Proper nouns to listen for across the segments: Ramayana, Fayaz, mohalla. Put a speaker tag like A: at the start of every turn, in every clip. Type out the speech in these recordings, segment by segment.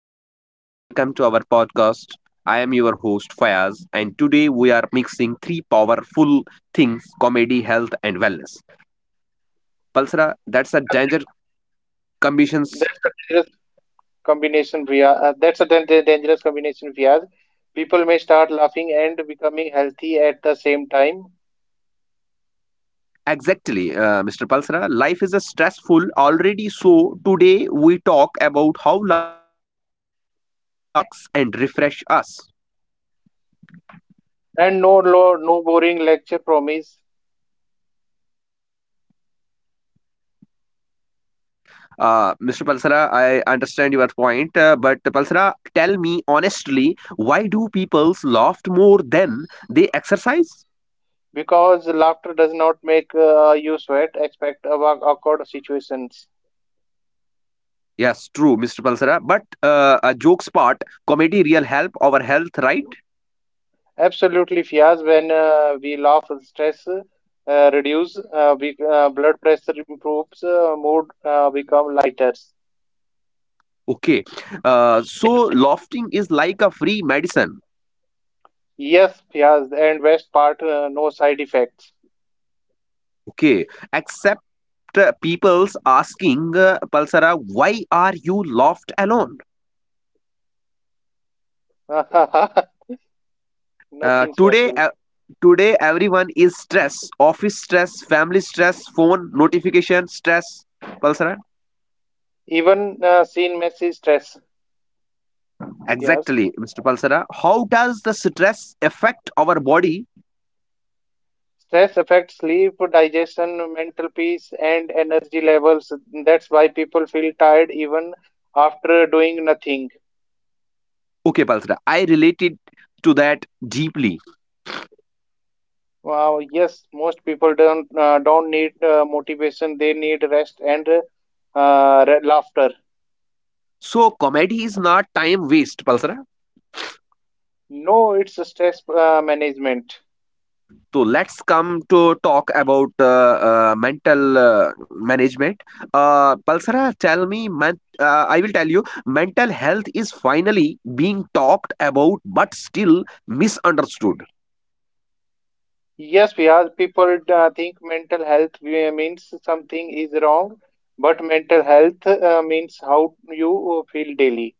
A: everyone. Welcome to our podcast. I am your host, Fayaz, and today we are mixing three powerful things comedy, health, and wellness. Palsara, that's a
B: Ah,
A: danger
B: that
A: conditions.
B: that's a dangerous combination, Priya. That's a dangerous combination, Fiaz. People may start laughing and becoming healthy at the same time,
A: Exactly, Mr. Palsara. Life is a stressful already, so today we talk about how laughter can heal, relax, and refresh us.
B: and no boring lecture promise
A: Mr. Palsara, I understand your point, but Palsara, tell me honestly, why do people laugh more than they exercise?
B: because laughter does not make you sweat. Expect about awkward situations.
A: Yes, true, Mr. Palsara. But a jokes part, comedy real help our health, right?
B: Absolutely, Fiaz. When we laugh, stress reduces, blood pressure improves, mood become lighter.
A: Okay. So laughing is like a free medicine.
B: Yes, Fiaz. And best part, no side effects.
A: Okay, except people's asking Palsara, why are you laughed alone?
B: Nothing
A: Uh, today,
B: special.
A: uh, Today everyone is stress. Office stress, family stress, phone notification stress. Palsara,
B: Even seen Messi stress. Yes.
A: exactly, Mr. Palsara. How does the stress affect our body?
B: Stress affects sleep, digestion, mental peace, and energy levels. That's why people feel tired even after doing nothing.
A: Okay, Palsara, I related to that deeply.
B: Wow, yes, most people don't need motivation. They need rest and laughter.
A: So comedy is not time waste, Palsara.
B: No, it's a stress management.
A: So let's come to talk about mental management. Palsara, tell me, man, I will tell you, mental health is finally being talked about, but still misunderstood.
B: Yes, because people think mental health means something is wrong, but mental health means how you feel daily.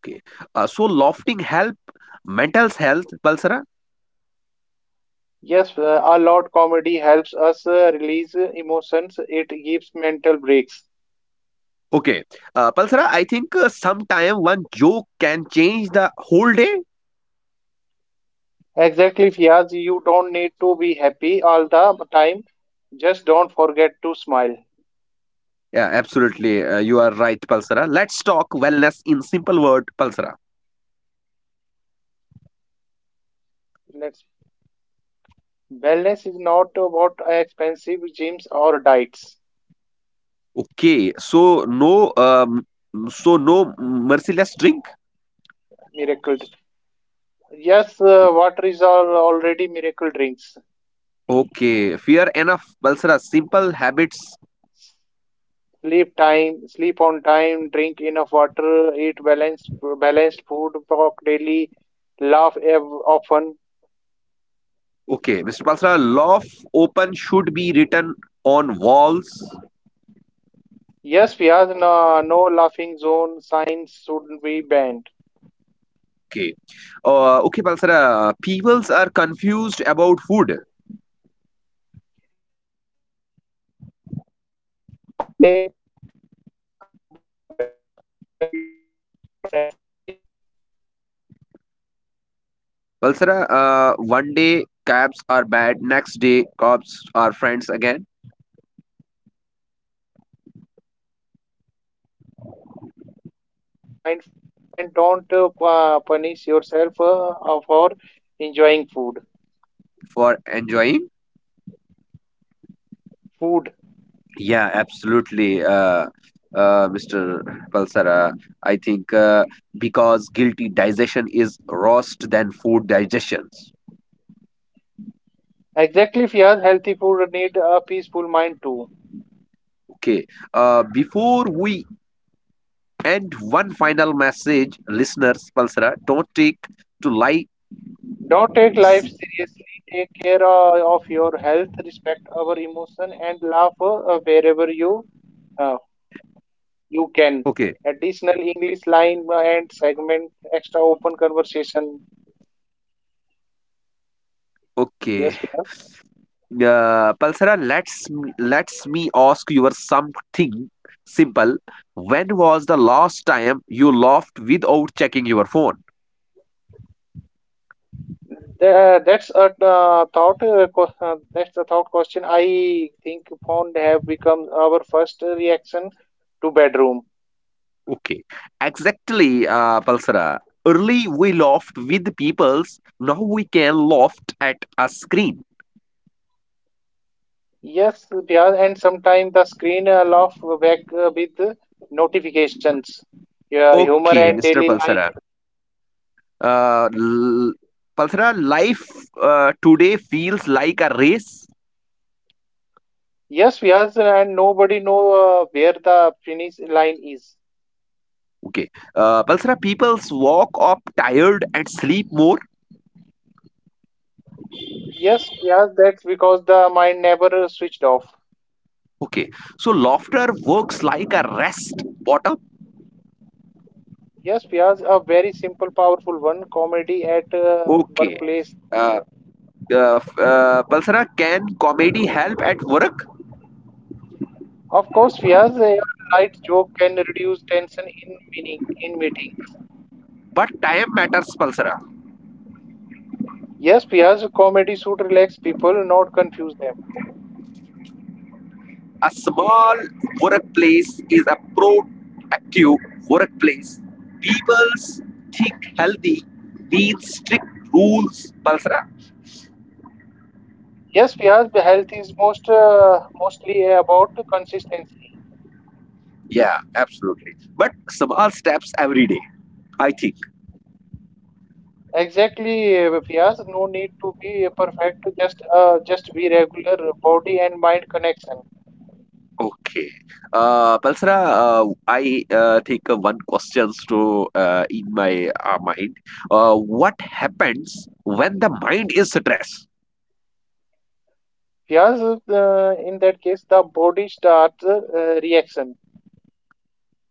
A: Okay, so lofting help, mental health, Palsara.
B: Yes, a lot comedy helps us release emotions. It gives mental breaks.
A: Okay, Palsara, I think sometime one joke can change the whole day.
B: Exactly, Fiaz, you don't need to be happy all the time. Just don't forget to smile.
A: Yeah, absolutely, you are right, Palsara. Let's talk wellness in simple word, Palsara.
B: Let's. Wellness is not about expensive gyms or diets.
A: Okay, so no merciless drink.
B: Miracle. Yes, water is already miracle drinks.
A: Okay, fear enough, Balsara. Simple habits.
B: Sleep time, sleep on time, drink enough water, eat balanced food, talk daily, laugh often.
A: Okay, Mr. Balsara, law of open should be written on walls.
B: Yes, Piaz, no laughing zone signs shouldn't be banned.
A: Okay, okay, Balsara. Peoples are confused about food.
B: Yes, Piaz, one day carbs are bad, next day carbs are friends again.
A: Balsara, one day cabs are bad, next day cops are friends again
B: Eat home food, eat mindfully, and don't punish yourself for enjoying food.
A: for enjoying.
B: Food.
A: Yeah, absolutely, Mr. Palsara. I think because guilty digestion is roast than food digestions.
B: Exactly, Fiaz. Healthy food need a peaceful mind too.
A: Okay. Before we end, one final message, listeners, Palsara, don't take to lie.
B: Don't take life
A: See-
B: seriously. Take care of your health. Respect our emotion and laugh wherever uh, you can.
A: Okay.
B: Additional English line and segment. Extra open conversation. Yes,
A: Okay.
B: Pia.
A: Palsara, let's me ask you something simple. When was the last time you laughed without checking your phone?
B: That's a thought question. I think phone have become our first reaction to bedroom.
A: Okay, exactly, Palsara. Early we laughed with peoples, now we can laugh at a screen.
B: Yes, Bihar, and sometimes the screen laugh back with notifications. Yeah, humor and
A: Okay,
B: daily
A: Mr.
B: life.
A: Palsara. Uh, l- Palsara, life today feels like a race.
B: Yes, Bihar, and nobody know where the finish line is.
A: Okay, Palsara, peoples walk up tired and sleep more.
B: Yes, Bihar, that's because the mind never switched off.
A: Okay, so laughter works like a rest bottom.
B: Yes, Bihar, a very simple, powerful one. Comedy at
A: Okay,
B: workplace.
A: uh, Palsara, can comedy help at work?
B: Of course, Bihar, a light joke can reduce tension in meetings.
A: But time matters, Palsara.
B: Yes, Bihar, comedy should relax people, not confuse them.
A: A small workplace is a proactive workplace. People's think healthy needs strict rules, Balsara.
B: Yes, Fiaz, the health is mostly about consistency.
A: Yeah, absolutely. But small steps every day, I think.
B: Exactly, Fiaz. No need to be perfect. Just be regular body and mind connection.
A: Okay. Balsara, I think one question to in my mind. What happens when the mind is stressed?
B: Fiaz, in that case, the body starts reaction.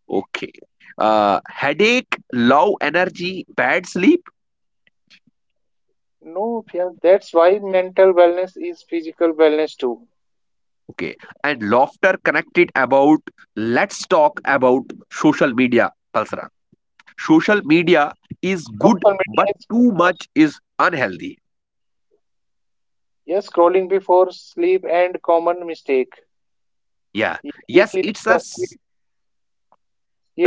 A: Okay. Headache, low energy, bad sleep.
B: No, Fiaz. That's why mental wellness is physical wellness too.
A: Okay. And laughter connected about let's talk about social media, Palsara. Social media is good,
B: Social media
A: but
B: is,
A: too much is unhealthy.
B: yes, scrolling before sleep and common mistake.
A: Yeah.
B: Yes, it
A: Yes,
B: is
A: it's a s-
B: still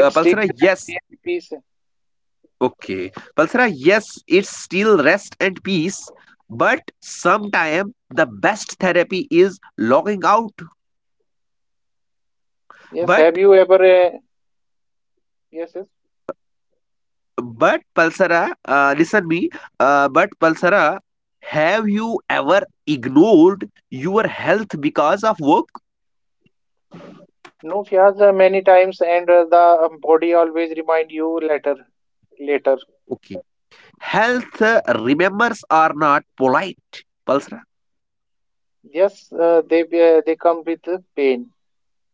A: Palsara.
B: still rest
A: Yes.
B: and peace.
A: Okay. Palsara, yes, it's still rest and peace, but sometime the best therapy is logging out.
B: Yes,
A: But
B: have you ever? Yes, yes.
A: But Pulsara, listen me. But Pulsara, have you ever ignored your health because of work?
B: No, Fiaz, many times, and the body always remind you later. Later,
A: Okay, health remembers are not polite. Pulsara,
B: yes, they come with pain.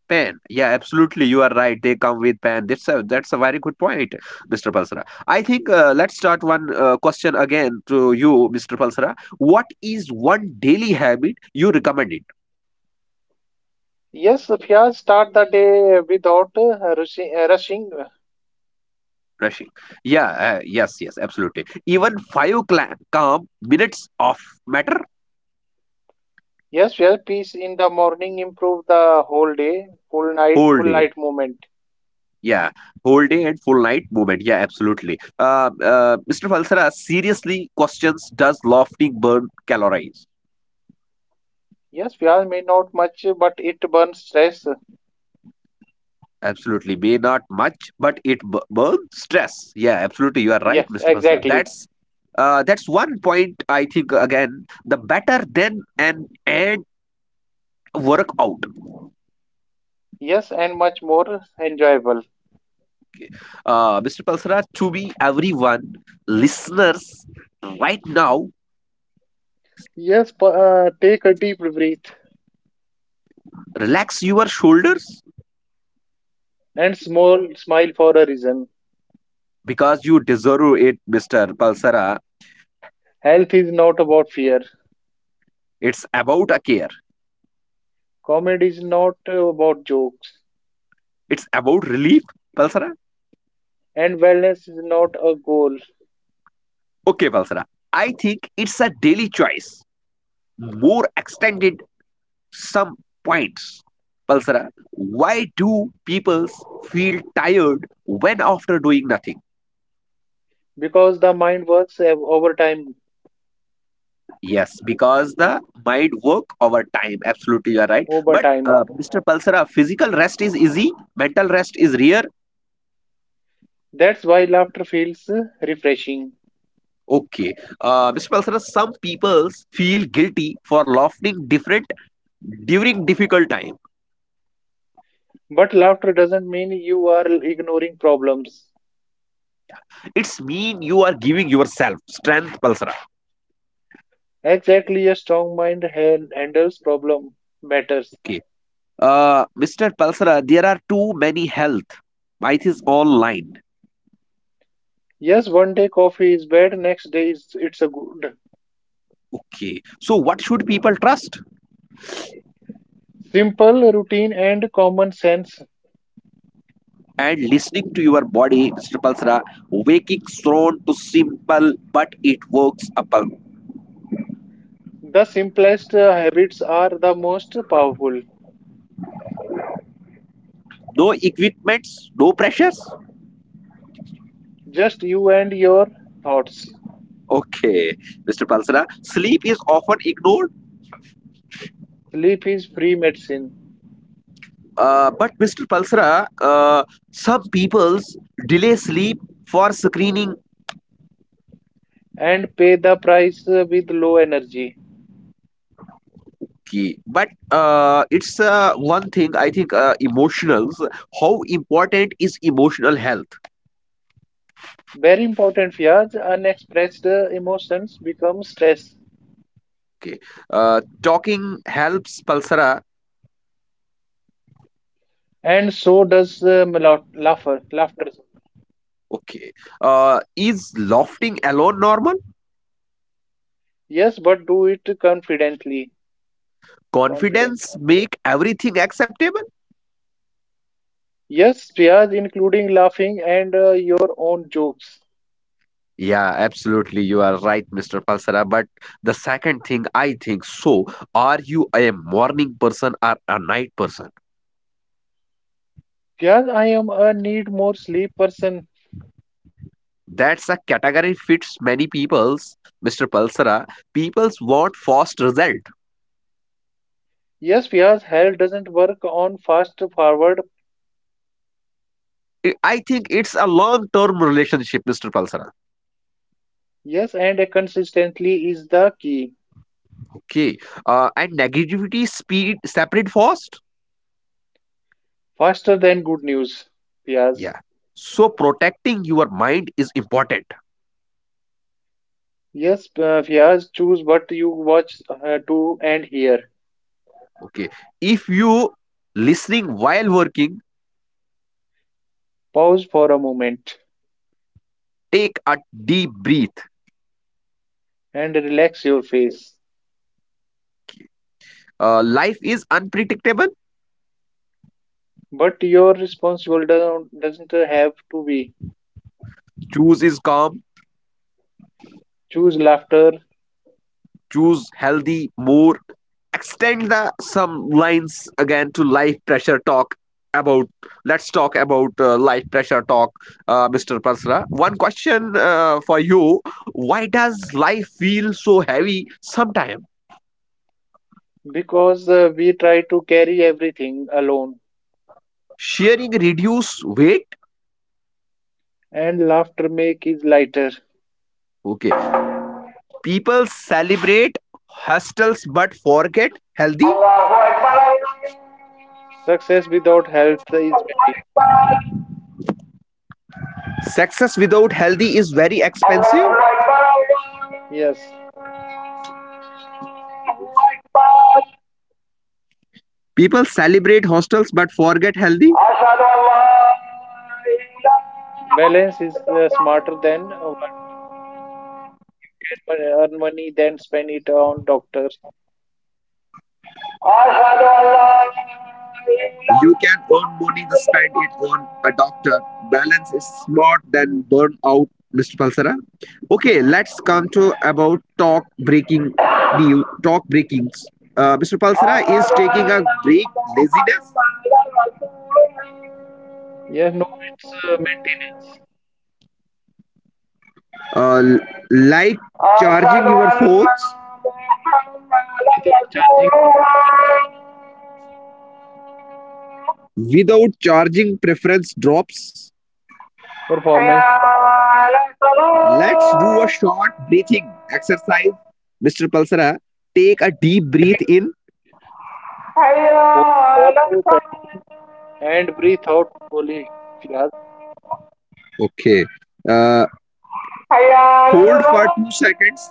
A: pen. Yeah, absolutely, you are right. They come with pen. That's a very good point, Mr. Pulsara. I think let's start one question again to you, Mr. Pulsara. What is one daily habit you recommend?
B: Yes, Fiaz, start the day without rushing.
A: Rushing, yeah, yes absolutely, even five calm minutes of matter.
B: Yes, Fiaz, peace in the morning improve the whole day.
A: Whole
B: Full
A: day,
B: night movement.
A: yeah, whole day and full night movement, yeah, absolutely. Mr. Falsara, seriously questions, does lofting burn calories?
B: Yes, Fiaz may not much, but it burns stress.
A: Absolutely, may not much, but it burns stress. Yeah, absolutely, you are right,
B: Yes,
A: Mr. Falsara.
B: exactly.
A: That's one point, I think. Again, the better than an and work out.
B: Yes, and much more enjoyable.
A: Mr. Palsara, to be everyone, listeners, right now,
B: Yes, take a deep breath
A: relax your shoulders,
B: and small smile for a reason.
A: because you deserve it, Mr. Palsara.
B: Health is not about fear.
A: It's about a care.
B: Comedy is not about jokes.
A: It's about relief, Palsara.
B: And wellness is not a goal
A: Okay, Palsara. I think it's a daily choice. More extended some points. Palsara, why do people feel tired when after doing nothing?
B: because the mind works over time.
A: Yes, because the mind work over time. Absolutely, you are right.
B: Over
A: But
B: time.
A: Mr. Palsara, physical rest is easy, mental rest is rare.
B: That's why laughter feels refreshing.
A: Okay, Mr. Palsara, some peoples feel guilty for laughing different during difficult time.
B: But laughter doesn't mean you are ignoring problems.
A: It's mean you are giving yourself strength, Palsara.
B: Exactly, a strong mind han- handles problem matters.
A: Okay, Mr. Palsara, there are too many health myths online.
B: Yes, one day coffee is bad, next day is, it's a good.
A: Okay, so what should people trust?
B: Simple routine and common sense.
A: And listening to your body, Mr. Palsra, waking thrown to simple, but it works upon.
B: The simplest habits are the most powerful.
A: No equipments, no pressures.
B: Just you and your thoughts.
A: Okay, Mr. Palsra, sleep is often ignored.
B: Sleep is free medicine
A: But Mr. Palsra, some people's delay sleep for screening
B: and pay the price with low energy.
A: key. But it's one thing I think emotionals. How important is emotional health?
B: Very important, Fiaz. Unexpressed emotions become stress,
A: Okay, talking helps Palsara.
B: and so does melo- laughter. Laughter.
A: Okay. Is lofting alone normal?
B: Yes, but do it confidently.
A: Confidence
B: Confidently.
A: make everything acceptable?
B: Yes, Fiaz, including laughing and your own jokes.
A: Yeah, absolutely. You are right, Mr. Palsara. But the second thing I think so, are you a morning person or a night person?
B: Fiaz, I am a need more sleep person.
A: That's a category fits many people's, Mr. Palsara. People's want fast result.
B: Yes, Fiaz, hell doesn't work on fast forward
A: I think it's a long-term relationship, Mr. Palsara.
B: Yes, and a consistently is the key.
A: Okay. And negativity speed separate fast?
B: Faster than good news, Fiaz.
A: Yeah. So protecting your mind is important.
B: Yes, Fiaz, choose what you watch to and hear.
A: Okay. If you listening while working,
B: Pause for a moment
A: take a deep breath.
B: and relax your face.
A: Life is unpredictable.
B: But your responsible do- doesn't have to be.
A: Choose is calm.
B: Choose laughter
A: Choose healthy more. Extend the some lines again to life pressure talk about. Let's talk about life pressure talk, Mr. Pasra. One question for you: Why does life feel so heavy sometimes?
B: because we try to carry everything alone,
A: Sharing reduce weight.
B: and laughter make it lighter.
A: Okay. People celebrate hostels but forget healthy.
B: Success without health is very.
A: Success without healthy is very expensive.
B: Yes,
A: People celebrate hostels but forget healthy.
B: balance is smarter than want. You can earn money, then spend it on doctors.
A: You can earn money, to spend it on a doctor. Balance is smart than burn out, Mr. Palsara. Okay, let's come to about talk breaking new talk breakings. Mr. Palsara is taking a break. Laziness,
B: Yes, no, it's maintenance
A: uh, like charging your phones
B: without charging performance drop.
A: without charging. Preference drops.
B: Performance drops, I'm said.
A: Let's do a short breathing exercise. Mr. Palsara, take a deep breath
B: Take
A: in.
B: hold for 2 seconds and breathe out slowly, Fiaz.
A: Okay. Uh, Hold for 2 seconds.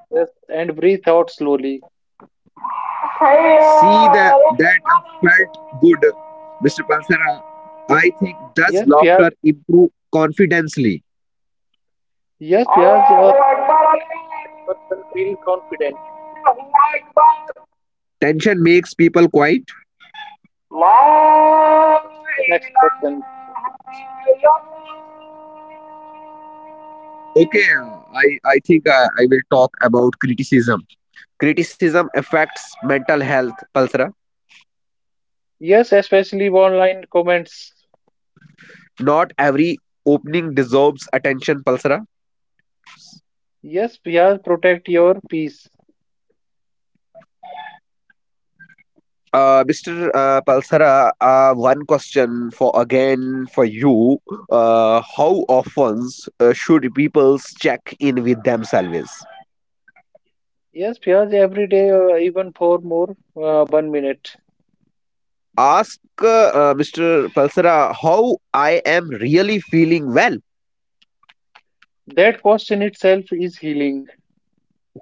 B: Yes, and breathe out slowly.
A: See that felt good. Mr. Palsara, I think does
B: Yes,
A: laughter
B: Fiaz.
A: improve confidently?
B: Yes, Fiaz. A relaxed person feel confident.
A: Tension makes people quiet.
B: Yes, Fiaz. Laughter, open expressions.
A: Okay, I I think I will talk about criticism. Criticism affects mental health, Palsara.
B: Yes, especially online comments.
A: Not every opening deserves attention, Palsara.
B: Yes, Fiaz. Protect your peace.
A: Mr. Palsara, one question for again for you. How often should people check in with themselves?
B: Yes, Piyaj, every day, even for more, 1 minute.
A: Ask Mr. Palsara how I am really feeling well.
B: That cost in itself is healing.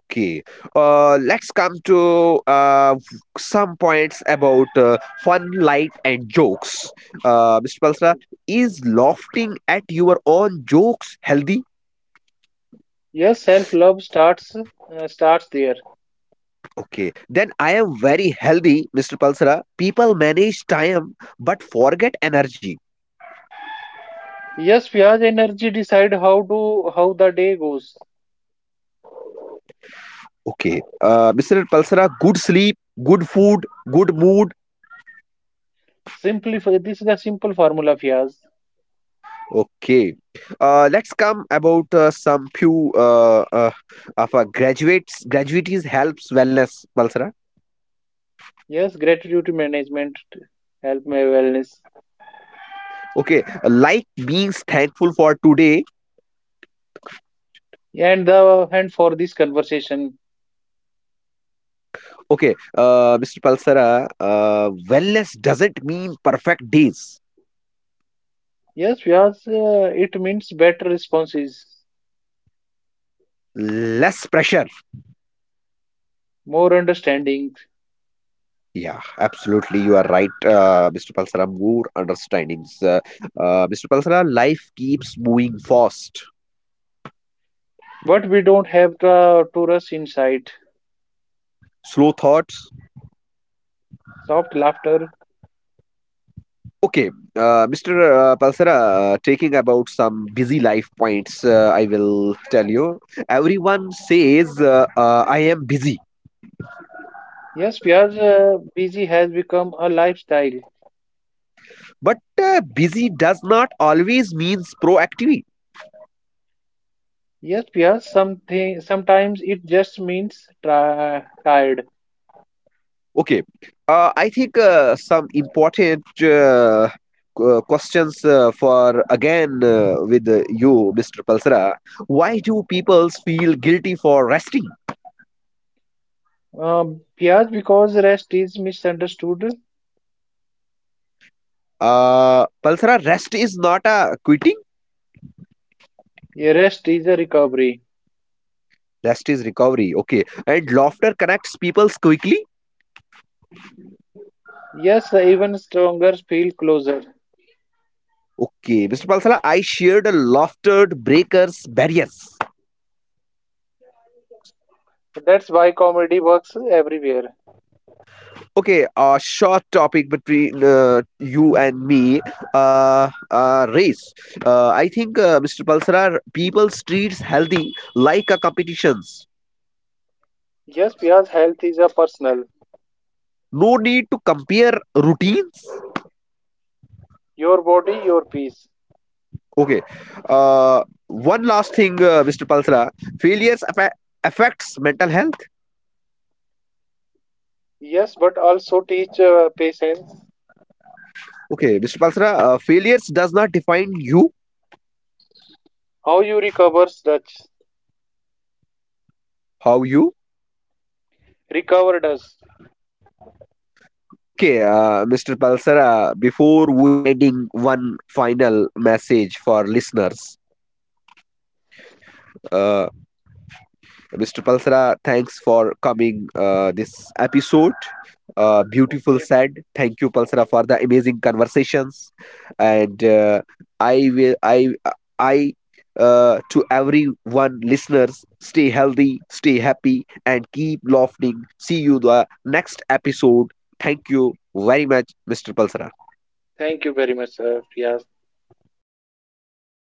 A: Okay, let's come to some points about fun, light, and jokes. Mr. Palsra,
B: Oh.
A: is laughing at your own jokes healthy?
B: Yes, self-love starts there.
A: Okay, then I am very healthy, Mr. Palsra. People manage time but forget energy.
B: Yes, Piyaj, energy decide how to how the day goes.
A: Okay, Mr. Palsra, good sleep, good food, good mood.
B: Simplify. This is the simple formula, Piyaj.
A: Okay, let's come about some few of our graduates. Graduates helps wellness, Palsara.
B: Yes, gratitude management help my wellness.
A: Okay, like being thankful for today.
B: And the and for this conversation,
A: Okay, Mr. Palsara, wellness doesn't mean perfect days.
B: yes, Piyaj, it means better responses,
A: Less pressure.
B: more understanding,
A: Yeah, absolutely. You are right, Mr. Palsara. More understandings. Mr. Palsara, life keeps moving fast.
B: but we don't have to rush inside.
A: Slow thoughts.
B: Soft laughter.
A: Okay, Mr. Palsara, taking about some busy life points, I will tell you. Everyone says I am busy,
B: Yes, Piaz, busy has become a lifestyle.
A: but busy does not always means proactive.
B: Yes, Piaz, something sometimes it just means tri tired.
A: Okay, I think some important questions for again with you, Mr. Palsara. Why do people feel guilty for resting?
B: Piaz, because rest is misunderstood.
A: Palsara, rest is not a quitting.
B: Yeah, rest is a recovery.
A: Rest is recovery. Okay. And laughter connects people quickly.
B: Yes, even stronger feel closer.
A: Okay. Mr. Palsala, I shared a laughter breakers barriers.
B: That's why comedy works everywhere.
A: Okay. A short topic between you and me. Race. I think, Mr. Palsala, people treats healthy like a competitions.
B: Yes, Piaz, health is a personal.
A: No need to compare routines.
B: Your body, your peace.
A: Okay. Uh, One last thing, Mr. Palsala. Failures affect affects mental health.
B: Yes, but also teach patience.
A: Okay, Mr. Palsara, failures does not define you,
B: How you recovers Dutch.
A: how you.
B: Recover? Does.
A: Okay, Mr. Palsara, before we ending one final message for listeners, uh, Mr. Palsara, thanks for coming this episode. Beautiful
B: Okay.
A: said. Thank you, Palsara, for the amazing conversations. And I will, I, to everyone listeners, stay healthy, stay happy, and keep laughing. See you the next episode. Thank you very much, Mr. Palsara.
B: Thank you very much, sir, Fias.